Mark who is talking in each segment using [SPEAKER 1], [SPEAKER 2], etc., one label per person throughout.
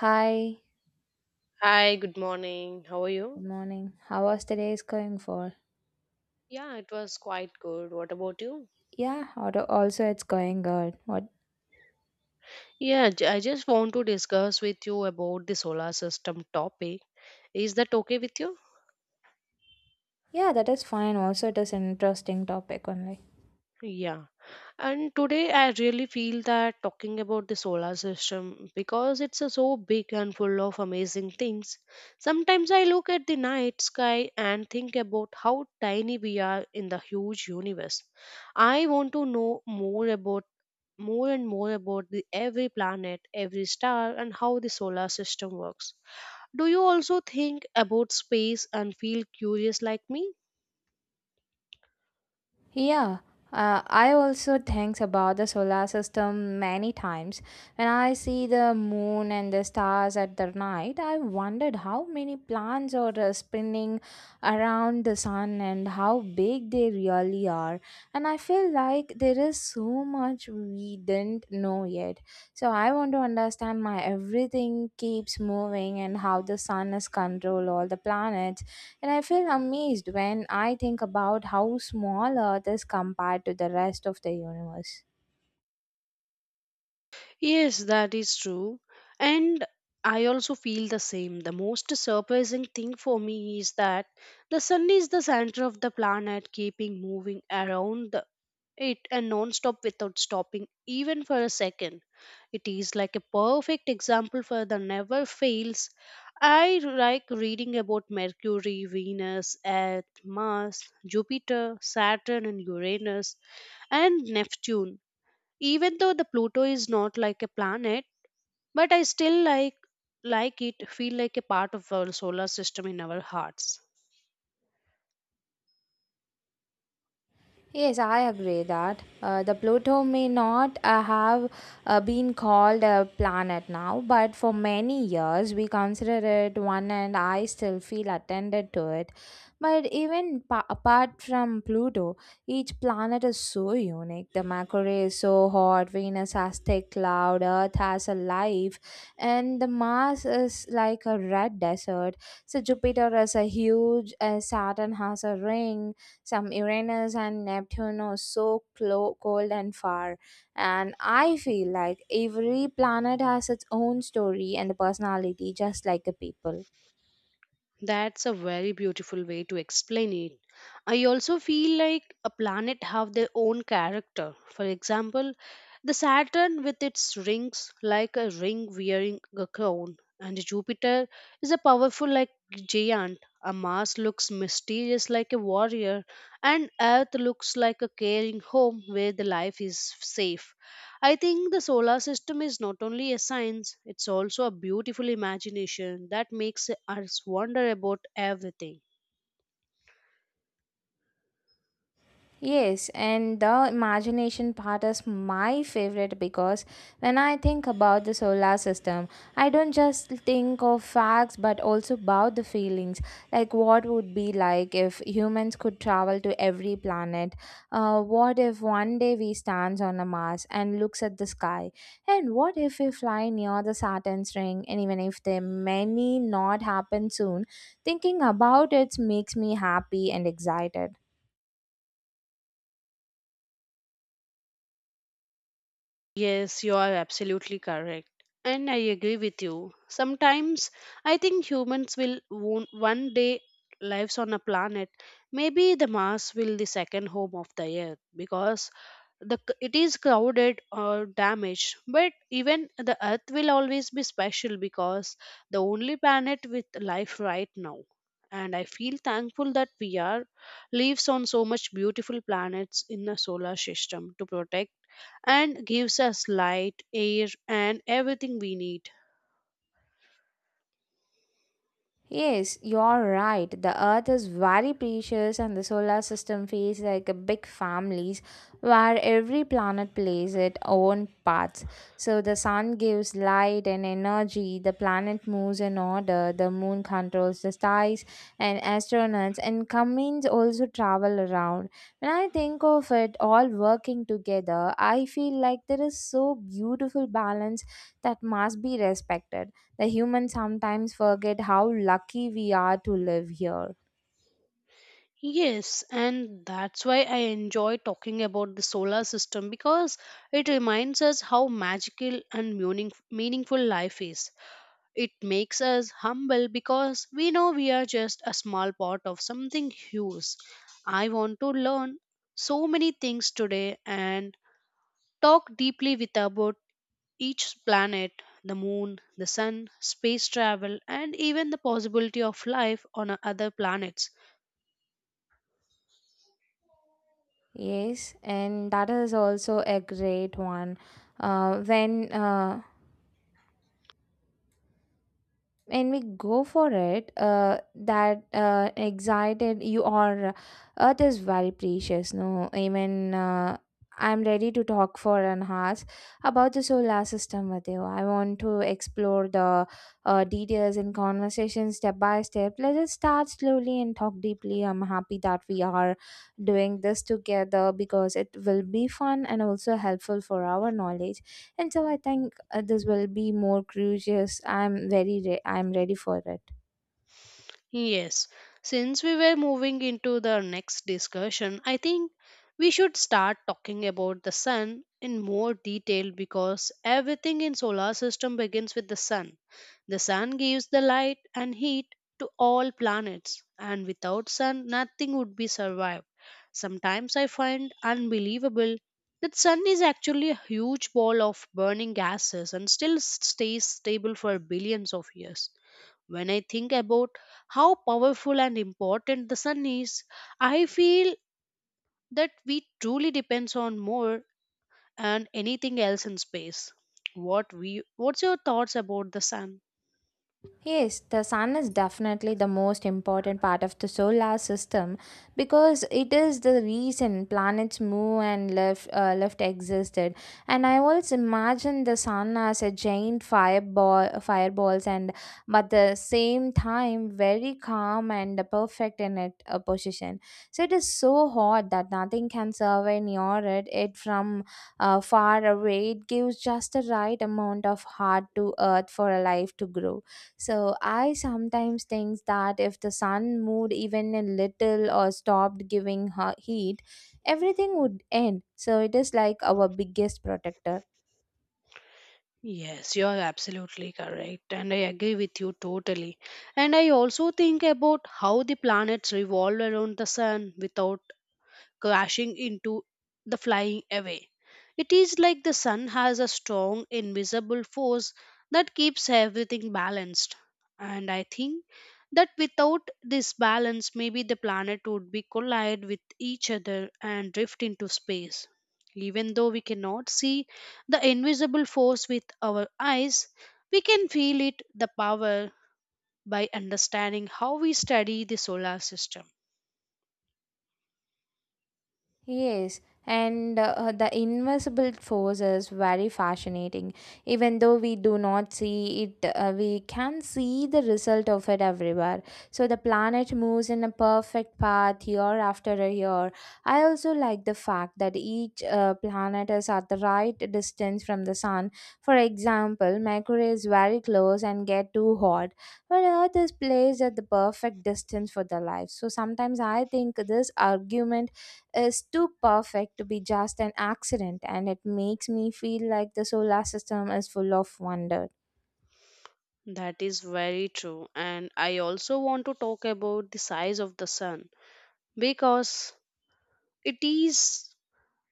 [SPEAKER 1] Hi,
[SPEAKER 2] Hi, good morning. How are
[SPEAKER 1] good
[SPEAKER 2] you?
[SPEAKER 1] morning. How was today's going for?
[SPEAKER 2] Yeah, it was quite good. What about you?
[SPEAKER 1] Yeah, also it's going good. What?
[SPEAKER 2] Yeah, I just want to discuss with you about the solar system topic. Is that okay with you?
[SPEAKER 1] Yeah, that is fine. Also, it is an interesting topic only.
[SPEAKER 2] Yeah. And today I really feel that talking about the solar system, because it's a so big and full of amazing things. Sometimes I look at the night sky and think about how tiny we are in the huge universe. I want to know more and more about the every planet, every star, and how the solar system works. Do you also think about space and feel curious like me?
[SPEAKER 1] Yeah, I also think about the solar system many times. When I see the moon and the stars at the night, I wondered how many planets are spinning around the sun and how big they really are. And I feel like there is so much we didn't know yet. So I want to understand my everything keeps moving and how the sun is control all the planets and I feel amazed when I think about how small Earth is compared to the rest of the universe.
[SPEAKER 2] Yes, that is true. And I also feel the same. The most surprising thing for me is that the sun is the center of the planet, keeping moving around it, and non-stop without stopping even for a second. It is like a perfect example for the never fails. I like reading about Mercury, Venus, Earth, Mars, Jupiter, Saturn and Uranus and Neptune, even though the Pluto is not like a planet, but I still like it, feel like a part of our solar system in our hearts.
[SPEAKER 1] Yes, I agree that the Pluto may not have been called a planet now, but for many years we consider it one, and I still feel attended to it. But even apart from Pluto, each planet is so unique. The Mercury is so hot, Venus has thick cloud, Earth has a life, and the Mars is like a red desert. So Jupiter is a huge, Saturn has a ring, some Uranus and Neptune are so cold and far. And I feel like every planet has its own story and personality, just like the people.
[SPEAKER 2] That's a very beautiful way to explain it. I also feel like a planet have their own character. For example, the Saturn with its rings, like a ring wearing a crown, and Jupiter is a powerful like giant. A Mars looks mysterious like a warrior, and Earth looks like a caring home where the life is safe. I think the solar system is not only a science, it's also a beautiful imagination that makes us wonder about everything.
[SPEAKER 1] Yes, and the imagination part is my favorite because when I think about the solar system, I don't just think of facts but also about the feelings. Like, what would be like if humans could travel to every planet? What if one day we stands on a Mars and looks at the sky? And what if we fly near the Saturn's ring? And even if there may not happen soon, thinking about it makes me happy and excited.
[SPEAKER 2] Yes, you are absolutely correct. And I agree with you. Sometimes I think humans will one day lives on a planet. Maybe the Mars will the second home of the Earth, because it is crowded or damaged. But even the Earth will always be special, because the only planet with life right now. And I feel thankful that we are lives on so much beautiful planets in the solar system to protect and gives us light, air, and everything we need.
[SPEAKER 1] Yes, you're right. The Earth is very precious, and the solar system feels like a big families where every planet plays its own parts. So the sun gives light and energy, the planet moves in order, the moon controls the skies, and astronauts and Cummins also travel around. When I think of it all working together, I feel like there is so beautiful balance that must be respected. The humans sometimes forget how lucky we are to live here.
[SPEAKER 2] Yes, and that's why I enjoy talking about the solar system, because it reminds us how magical and meaningful life is. It makes us humble, because we know we are just a small part of something huge. I want to learn so many things today and talk deeply with about each planet, the moon, the sun, space travel, and even the possibility of life on other planets.
[SPEAKER 1] Yes, and that is also a great one. Uh, when uh, when we go for it that excited you are earth is very precious no even I'm ready to talk for an hour about the solar system with you. I want to explore the details and conversation step by step. Let us start slowly and talk deeply. I'm happy that we are doing this together because it will be fun and also helpful for our knowledge, and so I think others will be more curious. I'm ready for it.
[SPEAKER 2] Yes, since we were moving into the next discussion, I think we should start talking about the sun in more detail, because everything in solar system begins with the sun. The sun gives the light and heat to all planets, and without sun nothing would be survived. Sometimes I find unbelievable that sun is actually a huge ball of burning gases and still stays stable for billions of years. When I think about how powerful and important the sun is, I feel that we truly depends on more and anything else in space. What's your thoughts about the sun?
[SPEAKER 1] Yes, the sun is definitely the most important part of the solar system because it is the reason planets move and life existed. And I always imagine the sun as a giant fireball, and but the same time very calm and perfect in its position. So it is so hot that nothing can survive near it. It from far away, it gives just the right amount of heart to earth for a life to grow. So I sometimes think that if the sun moved even a little or stopped giving her heat, everything would end. So it is like our biggest protector.
[SPEAKER 2] Yes, you are absolutely correct, and I agree with you totally. And I also think about how the planets revolve around the sun without crashing into the flying away. It is like the sun has a strong, invisible force that keeps everything balanced. And I think that without this balance, maybe the planet would be collide with each other and drift into space. Even though we cannot see the invisible force with our eyes, we can feel it, the power, by understanding how we study the solar system.
[SPEAKER 1] Yes, and the invisible force is very fascinating. Even though we do not see it, we can see the result of it everywhere. So the planet moves in a perfect path year after a year. I also like the fact that each planet is at the right distance from the sun. For example, Mercury is very close and get too hot, but Earth is placed at the perfect distance for the life. So sometimes I think this argument is too perfect to be just an accident, and it makes me feel like the solar system is full of wonder.
[SPEAKER 2] That is very true. And I also want to talk about the size of the sun, because it is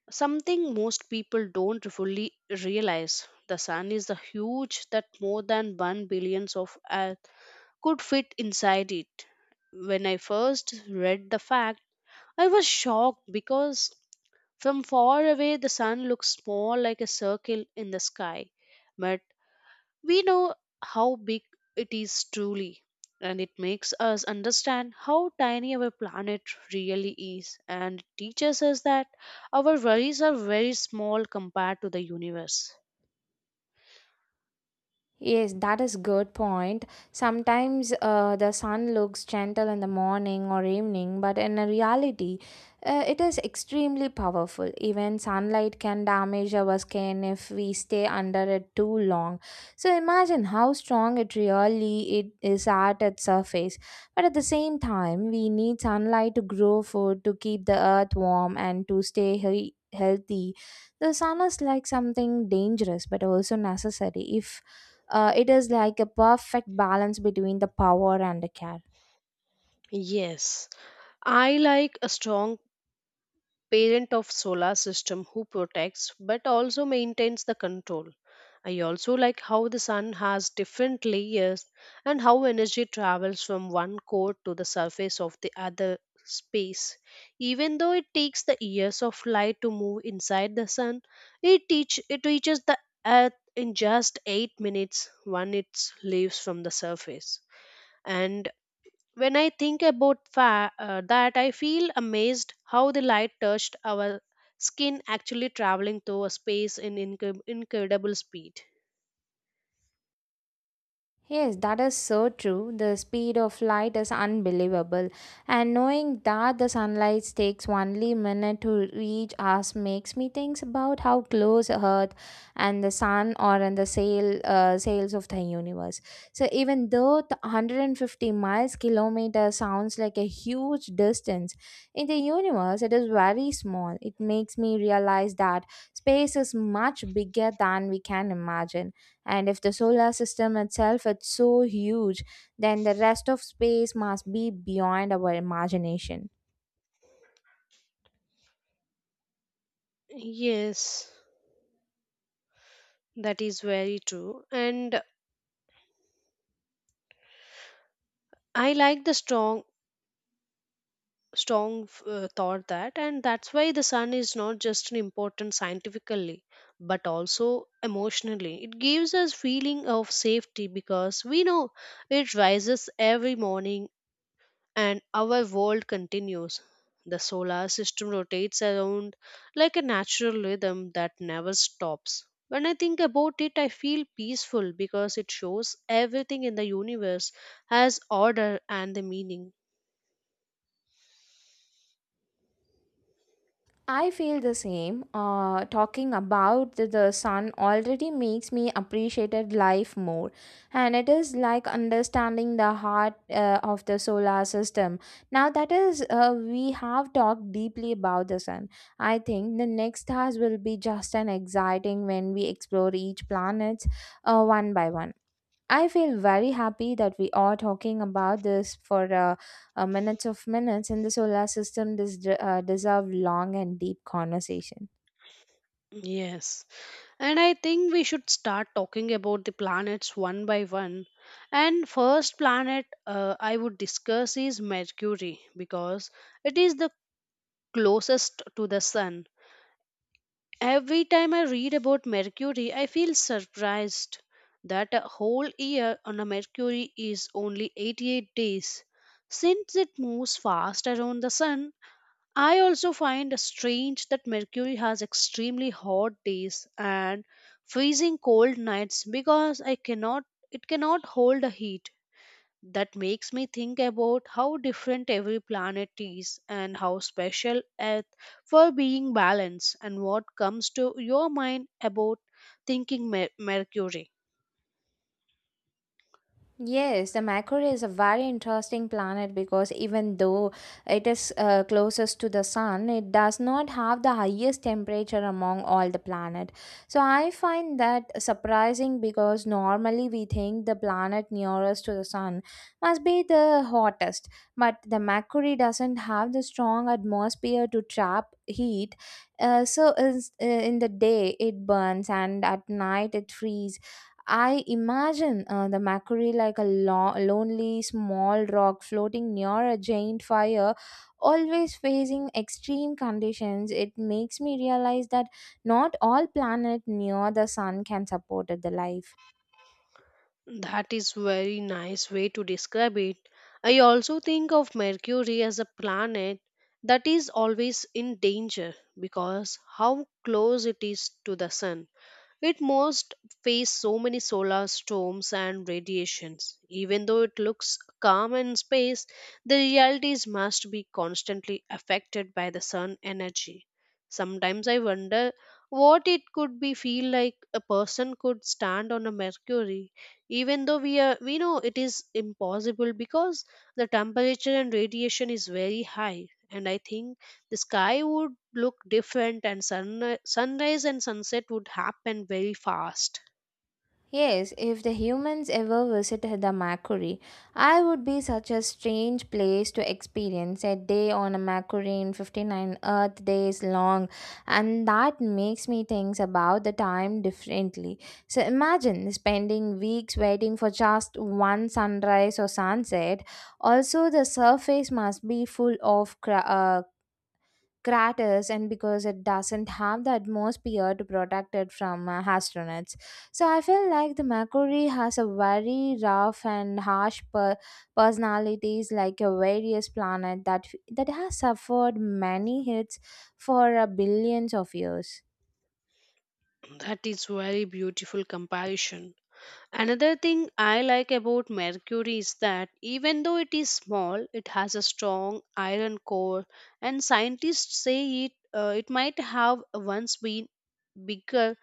[SPEAKER 2] something most people don't fully realize. The sun is the huge that more than 1 billions of Earth could fit inside it. When I first read the fact, I was shocked, because from far away the sun looks small, like a circle in the sky. But we know how big it is truly, and it makes us understand how tiny our planet really is, and teaches us that our worries are very small compared to the universe.
[SPEAKER 1] Yes, that is good point. Sometimes the sun looks gentle in the morning or evening, but in reality, it is extremely powerful. Even sunlight can damage our skin if we stay under it too long. So imagine how strong it really it is at its surface. But at the same time, we need sunlight to grow food, to keep the earth warm, and to stay healthy. The sun is like something dangerous but also necessary. If it is like a perfect balance between the power and the care.
[SPEAKER 2] Yes, I like a strong parent of solar system who protects but also maintains the control. I also like how the sun has different layers, and how energy travels from one core to the surface of the other space. Even though it takes the years of light to move inside the sun, it reaches the earth in just 8 minutes when it leaves from the surface. And when I think about that, I feel amazed how the light touched our skin, actually traveling through a space in incredible speed.
[SPEAKER 1] Yes, that is so true. The speed of light is unbelievable. And knowing that the sunlight takes only minute to reach us makes me think about how close Earth and the sun are in the sails of the universe. So even though the 150 miles kilometer sounds like a huge distance, in the universe it is very small. It makes me realize that space is much bigger than we can imagine, and if the solar system itself is so huge, then the rest of space must be beyond our imagination.
[SPEAKER 2] Yes, that is very true. And I like the strong thought that, and that's why the sun is not just an important scientifically but also emotionally. It gives us feeling of safety, because we know it rises every morning and our world continues. The solar system rotates around like a natural rhythm that never stops. When I think about it, I feel peaceful, because it shows everything in the universe has order and the meaning.
[SPEAKER 1] I feel the same. Talking about the sun already makes me appreciated life more, and it is like understanding the heart of the solar system. Now that is, we have talked deeply about the sun. I think the next task will be just an exciting when we explore each planet one by one. I feel very happy that we are talking about this for minutes of minutes, and the solar system deserve long and deep conversation.
[SPEAKER 2] Yes, and I think we should start talking about the planets one by one. And first planet I would discuss is Mercury, because it is the closest to the sun. Every time I read about Mercury, I feel surprised that a whole year on a Mercury is only 88 days. Since it moves fast around the sun, I also find strange that Mercury has extremely hot days and freezing cold nights, because I cannot it cannot hold the heat. That makes me think about how different every planet is and how special Earth for being balanced. And what comes to your mind about thinking Mercury?
[SPEAKER 1] Yes, the Mercury is a very interesting planet because even though it is closest to the sun, it does not have the highest temperature among all the planet. So I find that surprising because normally we think the planet nearest to the sun must be the hottest, but the Mercury doesn't have the strong atmosphere to trap heat. In the day it burns and at night it freezes. I imagine the Macquarie like a lonely small rock floating near a giant fire, always facing extreme conditions. It makes me realize that not all planet near the sun can support the life.
[SPEAKER 2] That is very nice way to describe it. I also think of Mercury as a planet that is always in danger, because how close it is to the sun. It must face so many solar storms and radiations. Even though it looks calm in space, the realities must be constantly affected by the sun energy. Sometimes I wonder what it could be feel like a person could stand on a Mercury, even though we know it is impossible, because the temperature and radiation is very high. And I think the sky would look different, and sunrise and sunset would happen very fast.
[SPEAKER 1] Yes, if the humans ever visited the Mercury, I would be such a strange place to experience a day on a Mercury in 59 Earth days long, and that makes me think about the time differently. So imagine spending weeks waiting for just one sunrise or sunset. Also, the surface must be full of craters, and because it doesn't have the atmosphere to protect it from astronauts, so I feel like the mercury has a very rough and harsh personalities, like a various planet that has suffered many hits for billions of years.
[SPEAKER 2] That is very beautiful comparison. Another thing I like about Mercury is that even though it is small, it has a strong iron core, and scientists say it might have once been bigger,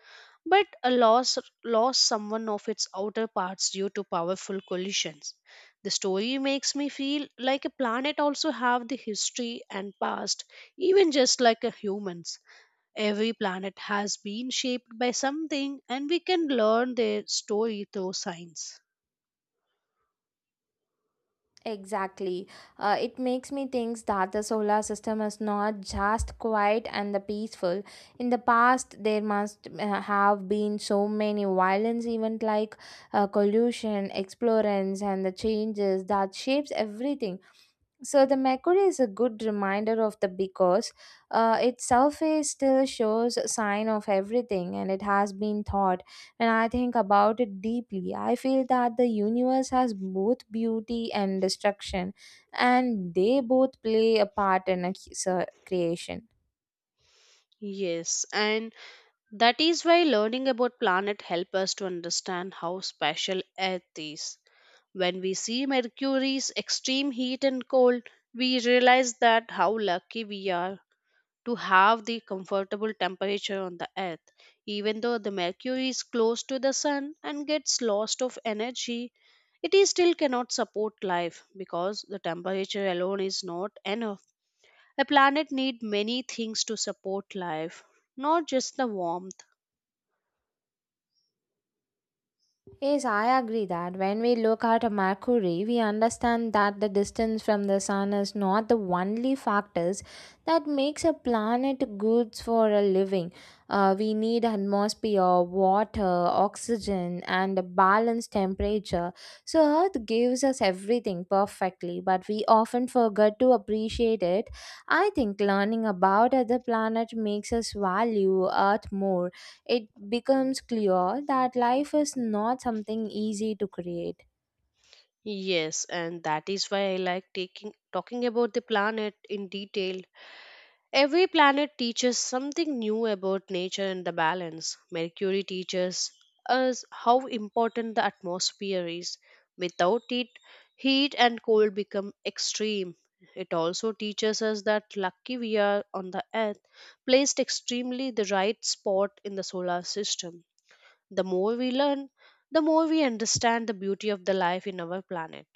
[SPEAKER 2] but a loss lost someone of its outer parts due to powerful collisions. The story makes me feel like a planet also have the history and past, even just like a humans. Every planet has been shaped by something, and we can learn their story through science.
[SPEAKER 1] Exactly. It makes me think that the solar system is not just quiet and the peaceful. In the past, there must have been so many violence events like collusion, explorance, and the changes that shapes everything. So the mercury is a good reminder of the because its surface still shows sign of everything and it has been thought. When I think about it deeply, I feel that the universe has both beauty and destruction, and they both play a part in a creation.
[SPEAKER 2] Yes, and that is why learning about planet help us to understand how special Earth is. When we see Mercury's extreme heat and cold, we realize that how lucky we are to have the comfortable temperature on the earth. Even though the Mercury is close to the sun and gets lost of energy, it is still cannot support life, because the temperature alone is not enough. A planet need many things to support life, not just the warmth.
[SPEAKER 1] Yes, I agree that when we look at Mercury, we understand that the distance from the sun is not the only factors that makes a planet good for a living. We need atmosphere, water, oxygen, and a balanced temperature. So Earth gives us everything perfectly, but we often forget to appreciate it. I think learning about other planets makes us value Earth more. It becomes clear that life is not something easy to create.
[SPEAKER 2] Yes, and that is why I like taking talking about the planet in detail. Every planet teaches something new about nature and the balance. Mercury teaches us how important the atmosphere is. Without it, heat and cold become extreme. It also teaches us that lucky we are on the earth, placed extremely the right spot in the solar system. The more we learn, the more we understand the beauty of the life in our planet.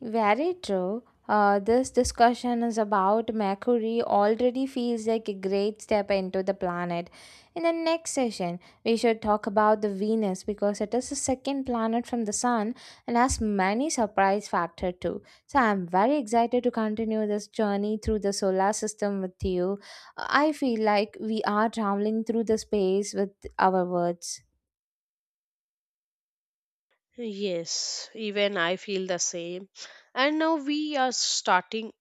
[SPEAKER 1] Very true. This discussion is about Mercury already feels like a great step into the planet. In the next session, we should talk about the Venus because it is the second planet from the Sun and has many surprise factor too. So I'm very excited to continue this journey through the solar system with you. I feel like we are traveling through the space with our words.
[SPEAKER 2] Yes, even I feel the same. And now we are starting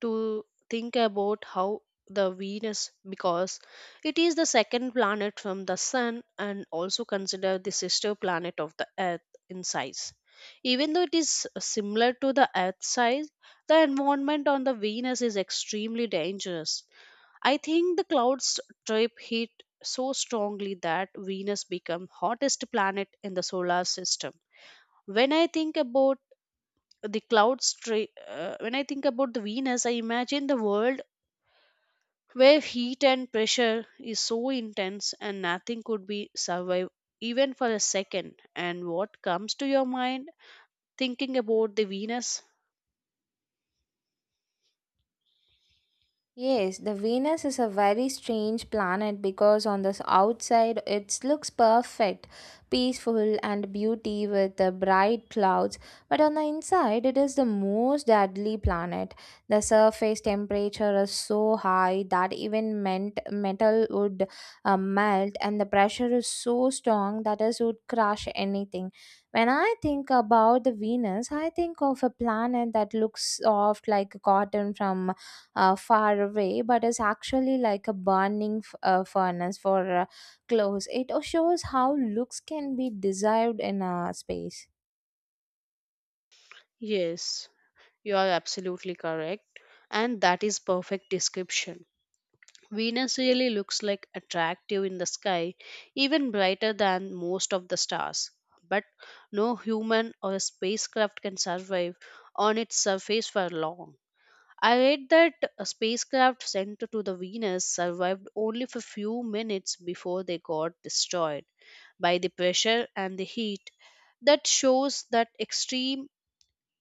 [SPEAKER 2] to think about how the Venus, because it is the second planet from the Sun and also considered the sister planet of the Earth in size. Even though it is similar to the Earth size, the environment on the Venus is extremely dangerous. I think the clouds trap heat so strongly that Venus become hottest planet in the solar system. When I think about when I think about the Venus, I imagine the world where heat and pressure is so intense and nothing could be survived even for a second. And what comes to your mind thinking about the Venus?
[SPEAKER 1] Yes, the Venus is a very strange planet because on the outside it looks perfect, peaceful and beauty with the bright clouds, but on the inside it is the most deadly planet. The surface temperature is so high that even ment metal would melt, and the pressure is so strong that it would crush anything. When I think about the Venus, I think of a planet that looks soft like cotton from far away, but is actually like a burning furnace for clothes. It shows how looks can be desired in a space.
[SPEAKER 2] Yes, you are absolutely correct, and that is perfect description. Venus really looks like attractive in the sky, even brighter than most of the stars. But no human or spacecraft can survive on its surface for long. I read that a spacecraft sent to the Venus survived only for few minutes before they got destroyed by the pressure and the heat. That shows that extreme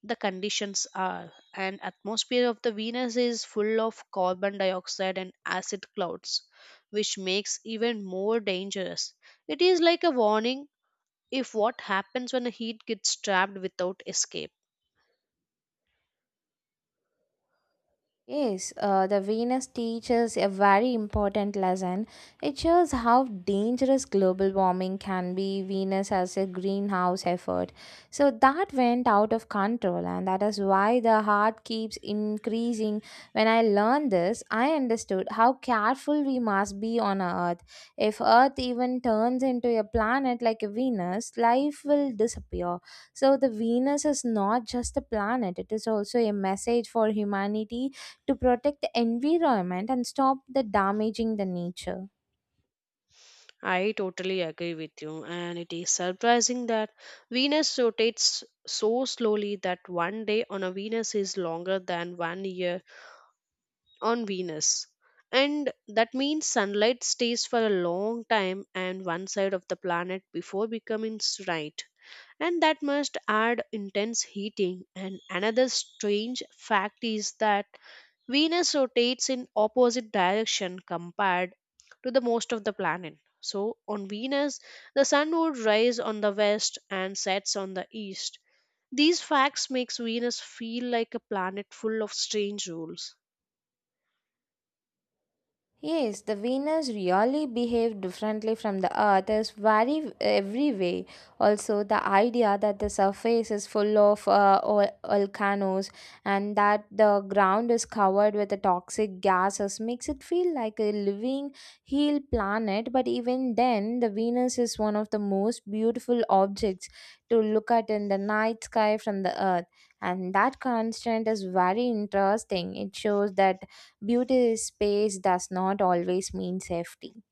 [SPEAKER 2] the conditions are, and atmosphere of the Venus is full of carbon dioxide and acid clouds which makes even more dangerous. It is like a warning if what happens when the heat gets trapped without escape.
[SPEAKER 1] Yes, the Venus teaches a very important lesson. It shows how dangerous global warming can be. Venus as a greenhouse effort. So that went out of control, and that is why the heart keeps increasing. When I learned this, I understood how careful we must be on our Earth. If Earth even turns into a planet like a Venus, life will disappear. So the Venus is not just a planet, it is also a message for humanity to protect the environment and stop the damaging the nature.
[SPEAKER 2] I totally agree with you, and it is surprising that Venus rotates so slowly that one day on a Venus is longer than one year on Venus. And that means sunlight stays for a long time on one side of the planet before becoming bright. And that must add intense heating. And another strange fact is that Venus rotates in opposite direction compared to the most of the planet. So on Venus, the sun would rise on the west and sets on the east. These facts makes Venus feel like a planet full of strange rules.
[SPEAKER 1] Yes, the Venus really behaved differently from the Earth is very every way. Also, the idea that the surface is full of volcanoes and that the ground is covered with the toxic gases makes it feel like a living, heal planet. But even then, the Venus is one of the most beautiful objects to look at in the night sky from the Earth. And that constant is very interesting. It shows that beauty is space does not always mean safety.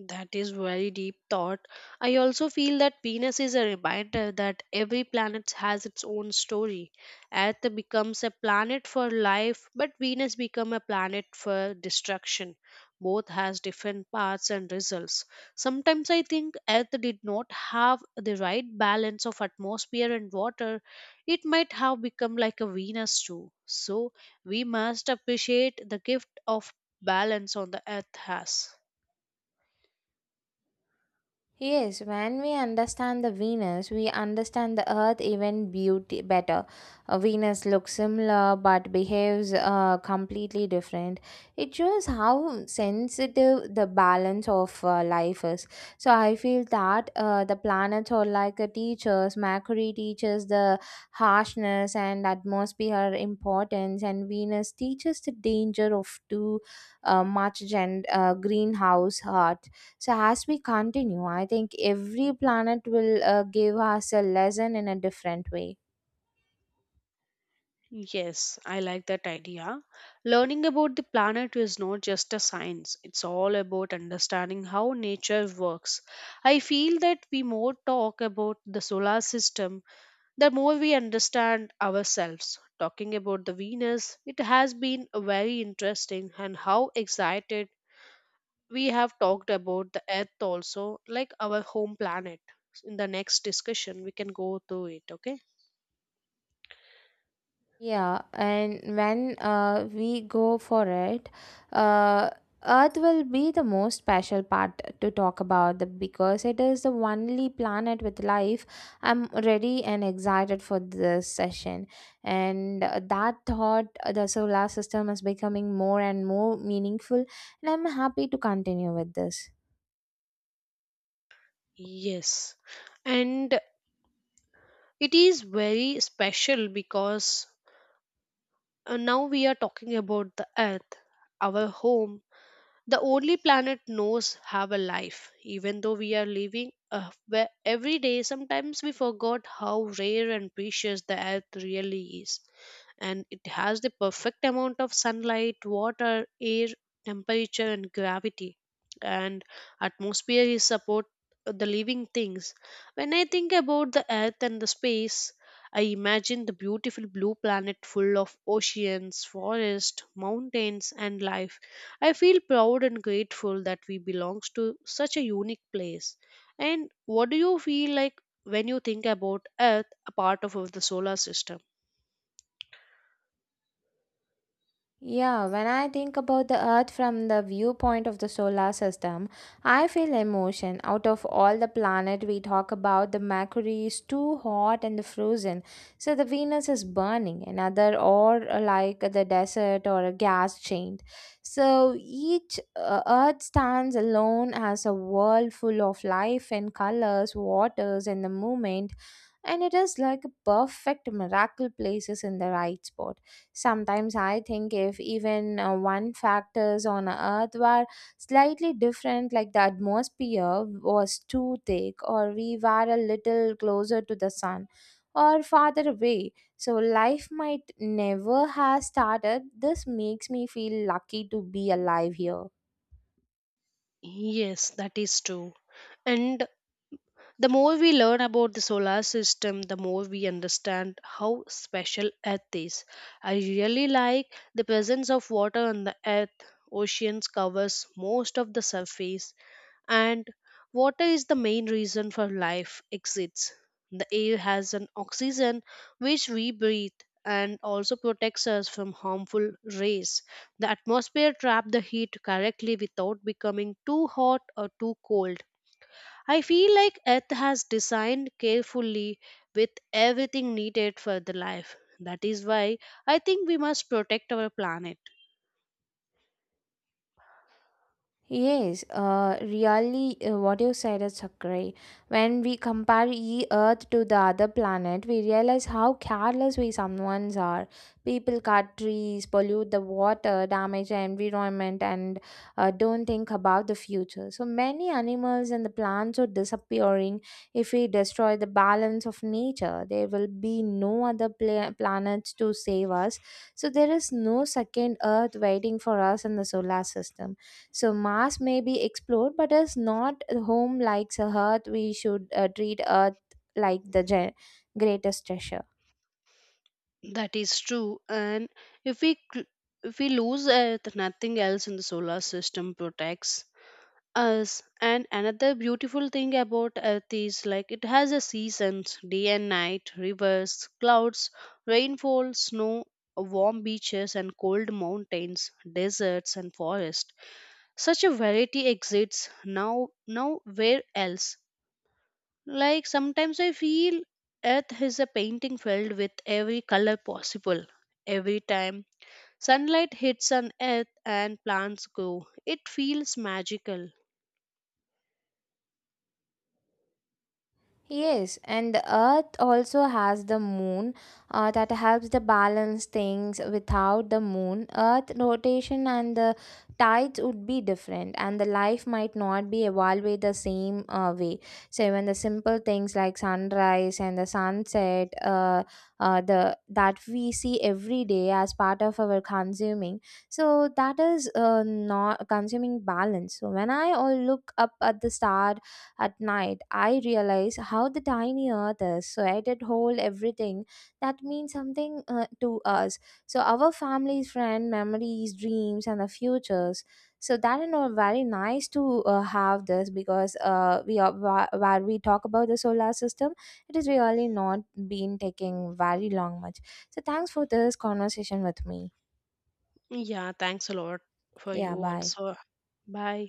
[SPEAKER 2] That is very deep thought. I also feel that Venus is a reminder that every planet has its own story. Earth becomes a planet for life, but Venus becomes a planet for destruction. Both has different paths and results. Sometimes I think Earth did not have the right balance of atmosphere and water. It might have become like a Venus too. So we must appreciate the gift of balance on the Earth has.
[SPEAKER 1] Yes, when we understand the Venus, we understand the Earth even beauty better. Venus looks similar but behaves completely different. It shows how sensitive the balance of life is. So I feel that the planets are like a teachers. Mercury teaches the harshness and atmosphere importance, and Venus teaches the danger of too much greenhouse heart. So, as we continue, I think every planet will give us a lesson in a different way.
[SPEAKER 2] Yes, I like that idea. Learning about the planet is not just a science, it's all about understanding how nature works. I feel that we more talk about the solar system, the more we understand ourselves. Talking about the Venus, it has been very interesting, and how excited we have talked about the Earth also, like our home planet. In the next discussion, we can go through it, okay?
[SPEAKER 1] Yeah, and when we go for it, uh, Earth will be the most special part to talk about the, because it is the only planet with life. I'm ready and excited for this session. And that thought, the solar system is becoming more and more meaningful, and I'm happy to continue with this.
[SPEAKER 2] Yes. And it is very special because now we are talking about the earth, our home, the only planet knows have a life, even though we are living where every day sometimes we forgot how rare and precious the earth really is, and it has the perfect amount of sunlight, water, air, temperature, and gravity, and atmosphere is support the living things. When I think about the earth and the space, I imagine the beautiful blue planet full of oceans, forests, mountains, and life. I feel proud and grateful that we belongs to such a unique place. And what do you feel like when you think about Earth, a part of the solar system?
[SPEAKER 1] Yeah, when I think about the Earth from the viewpoint of the solar system, I feel emotion. Out of all the planet we talk about, the Mercury is too hot and the frozen, so the Venus is burning, another or like the desert or a gas giant. So each Earth stands alone as a world full of life and colors, waters, and the movement, and it is like a perfect miracle places in the right spot. Sometimes I think if even one factors on earth were slightly different, like the atmosphere was too thick, or we were a little closer to the sun or farther away, so life might never have started. This makes me feel lucky to be alive here.
[SPEAKER 2] Yes, that is true. And the more we learn about the solar system, the more we understand how special Earth is. I really like the presence of water on the Earth. Oceans covers most of the surface, and water is the main reason for life exists. The air has an oxygen which we breathe and also protects us from harmful rays. The atmosphere traps the heat correctly without becoming too hot or too cold. I feel like earth has designed carefully with everything needed for the life. That is why I think we must protect our planet.
[SPEAKER 1] Yes, really, what you said is agree. When we compare e Earth to the other planet, we realize how careless we someone's are. People cut trees, pollute the water, damage the environment, and don't think about the future. So many animals and the plants are disappearing. If we destroy the balance of nature, there will be no other planets to save us. So there is no second Earth waiting for us in the solar system. So Mars may be explored, but is not home like Earth. We should treat Earth like the greatest treasure.
[SPEAKER 2] That is true. And if we cl- if we lose Earth, nothing else in the solar system protects us. And another beautiful thing about Earth is like it has a seasons, day and night, rivers, clouds, rainfall, snow, warm beaches and cold mountains, deserts and forest. Such a variety exists now where else? Like sometimes I feel Earth is a painting filled with every color possible. Every time sunlight hits on Earth and plants grow, it feels magical.
[SPEAKER 1] Yes, and the earth also has the moon that helps to balance things. Without the moon, earth rotation and the tides would be different, and the life might not be evaluated the same way. So even the simple things like sunrise and the sunset, the that we see every day as part of our consuming. So that is not consuming balance. So when I all look up at the star at night, I realize how the tiny earth is, so I did hold everything that means something to us. So our families, friend, memories, dreams, and the futures. So that and all very nice to have this because we are while we talk about the solar system, it is really not been taking very long much. So thanks for this conversation with me.
[SPEAKER 2] Yeah, thanks a lot for you
[SPEAKER 1] Yeah, bye.
[SPEAKER 2] also. Bye.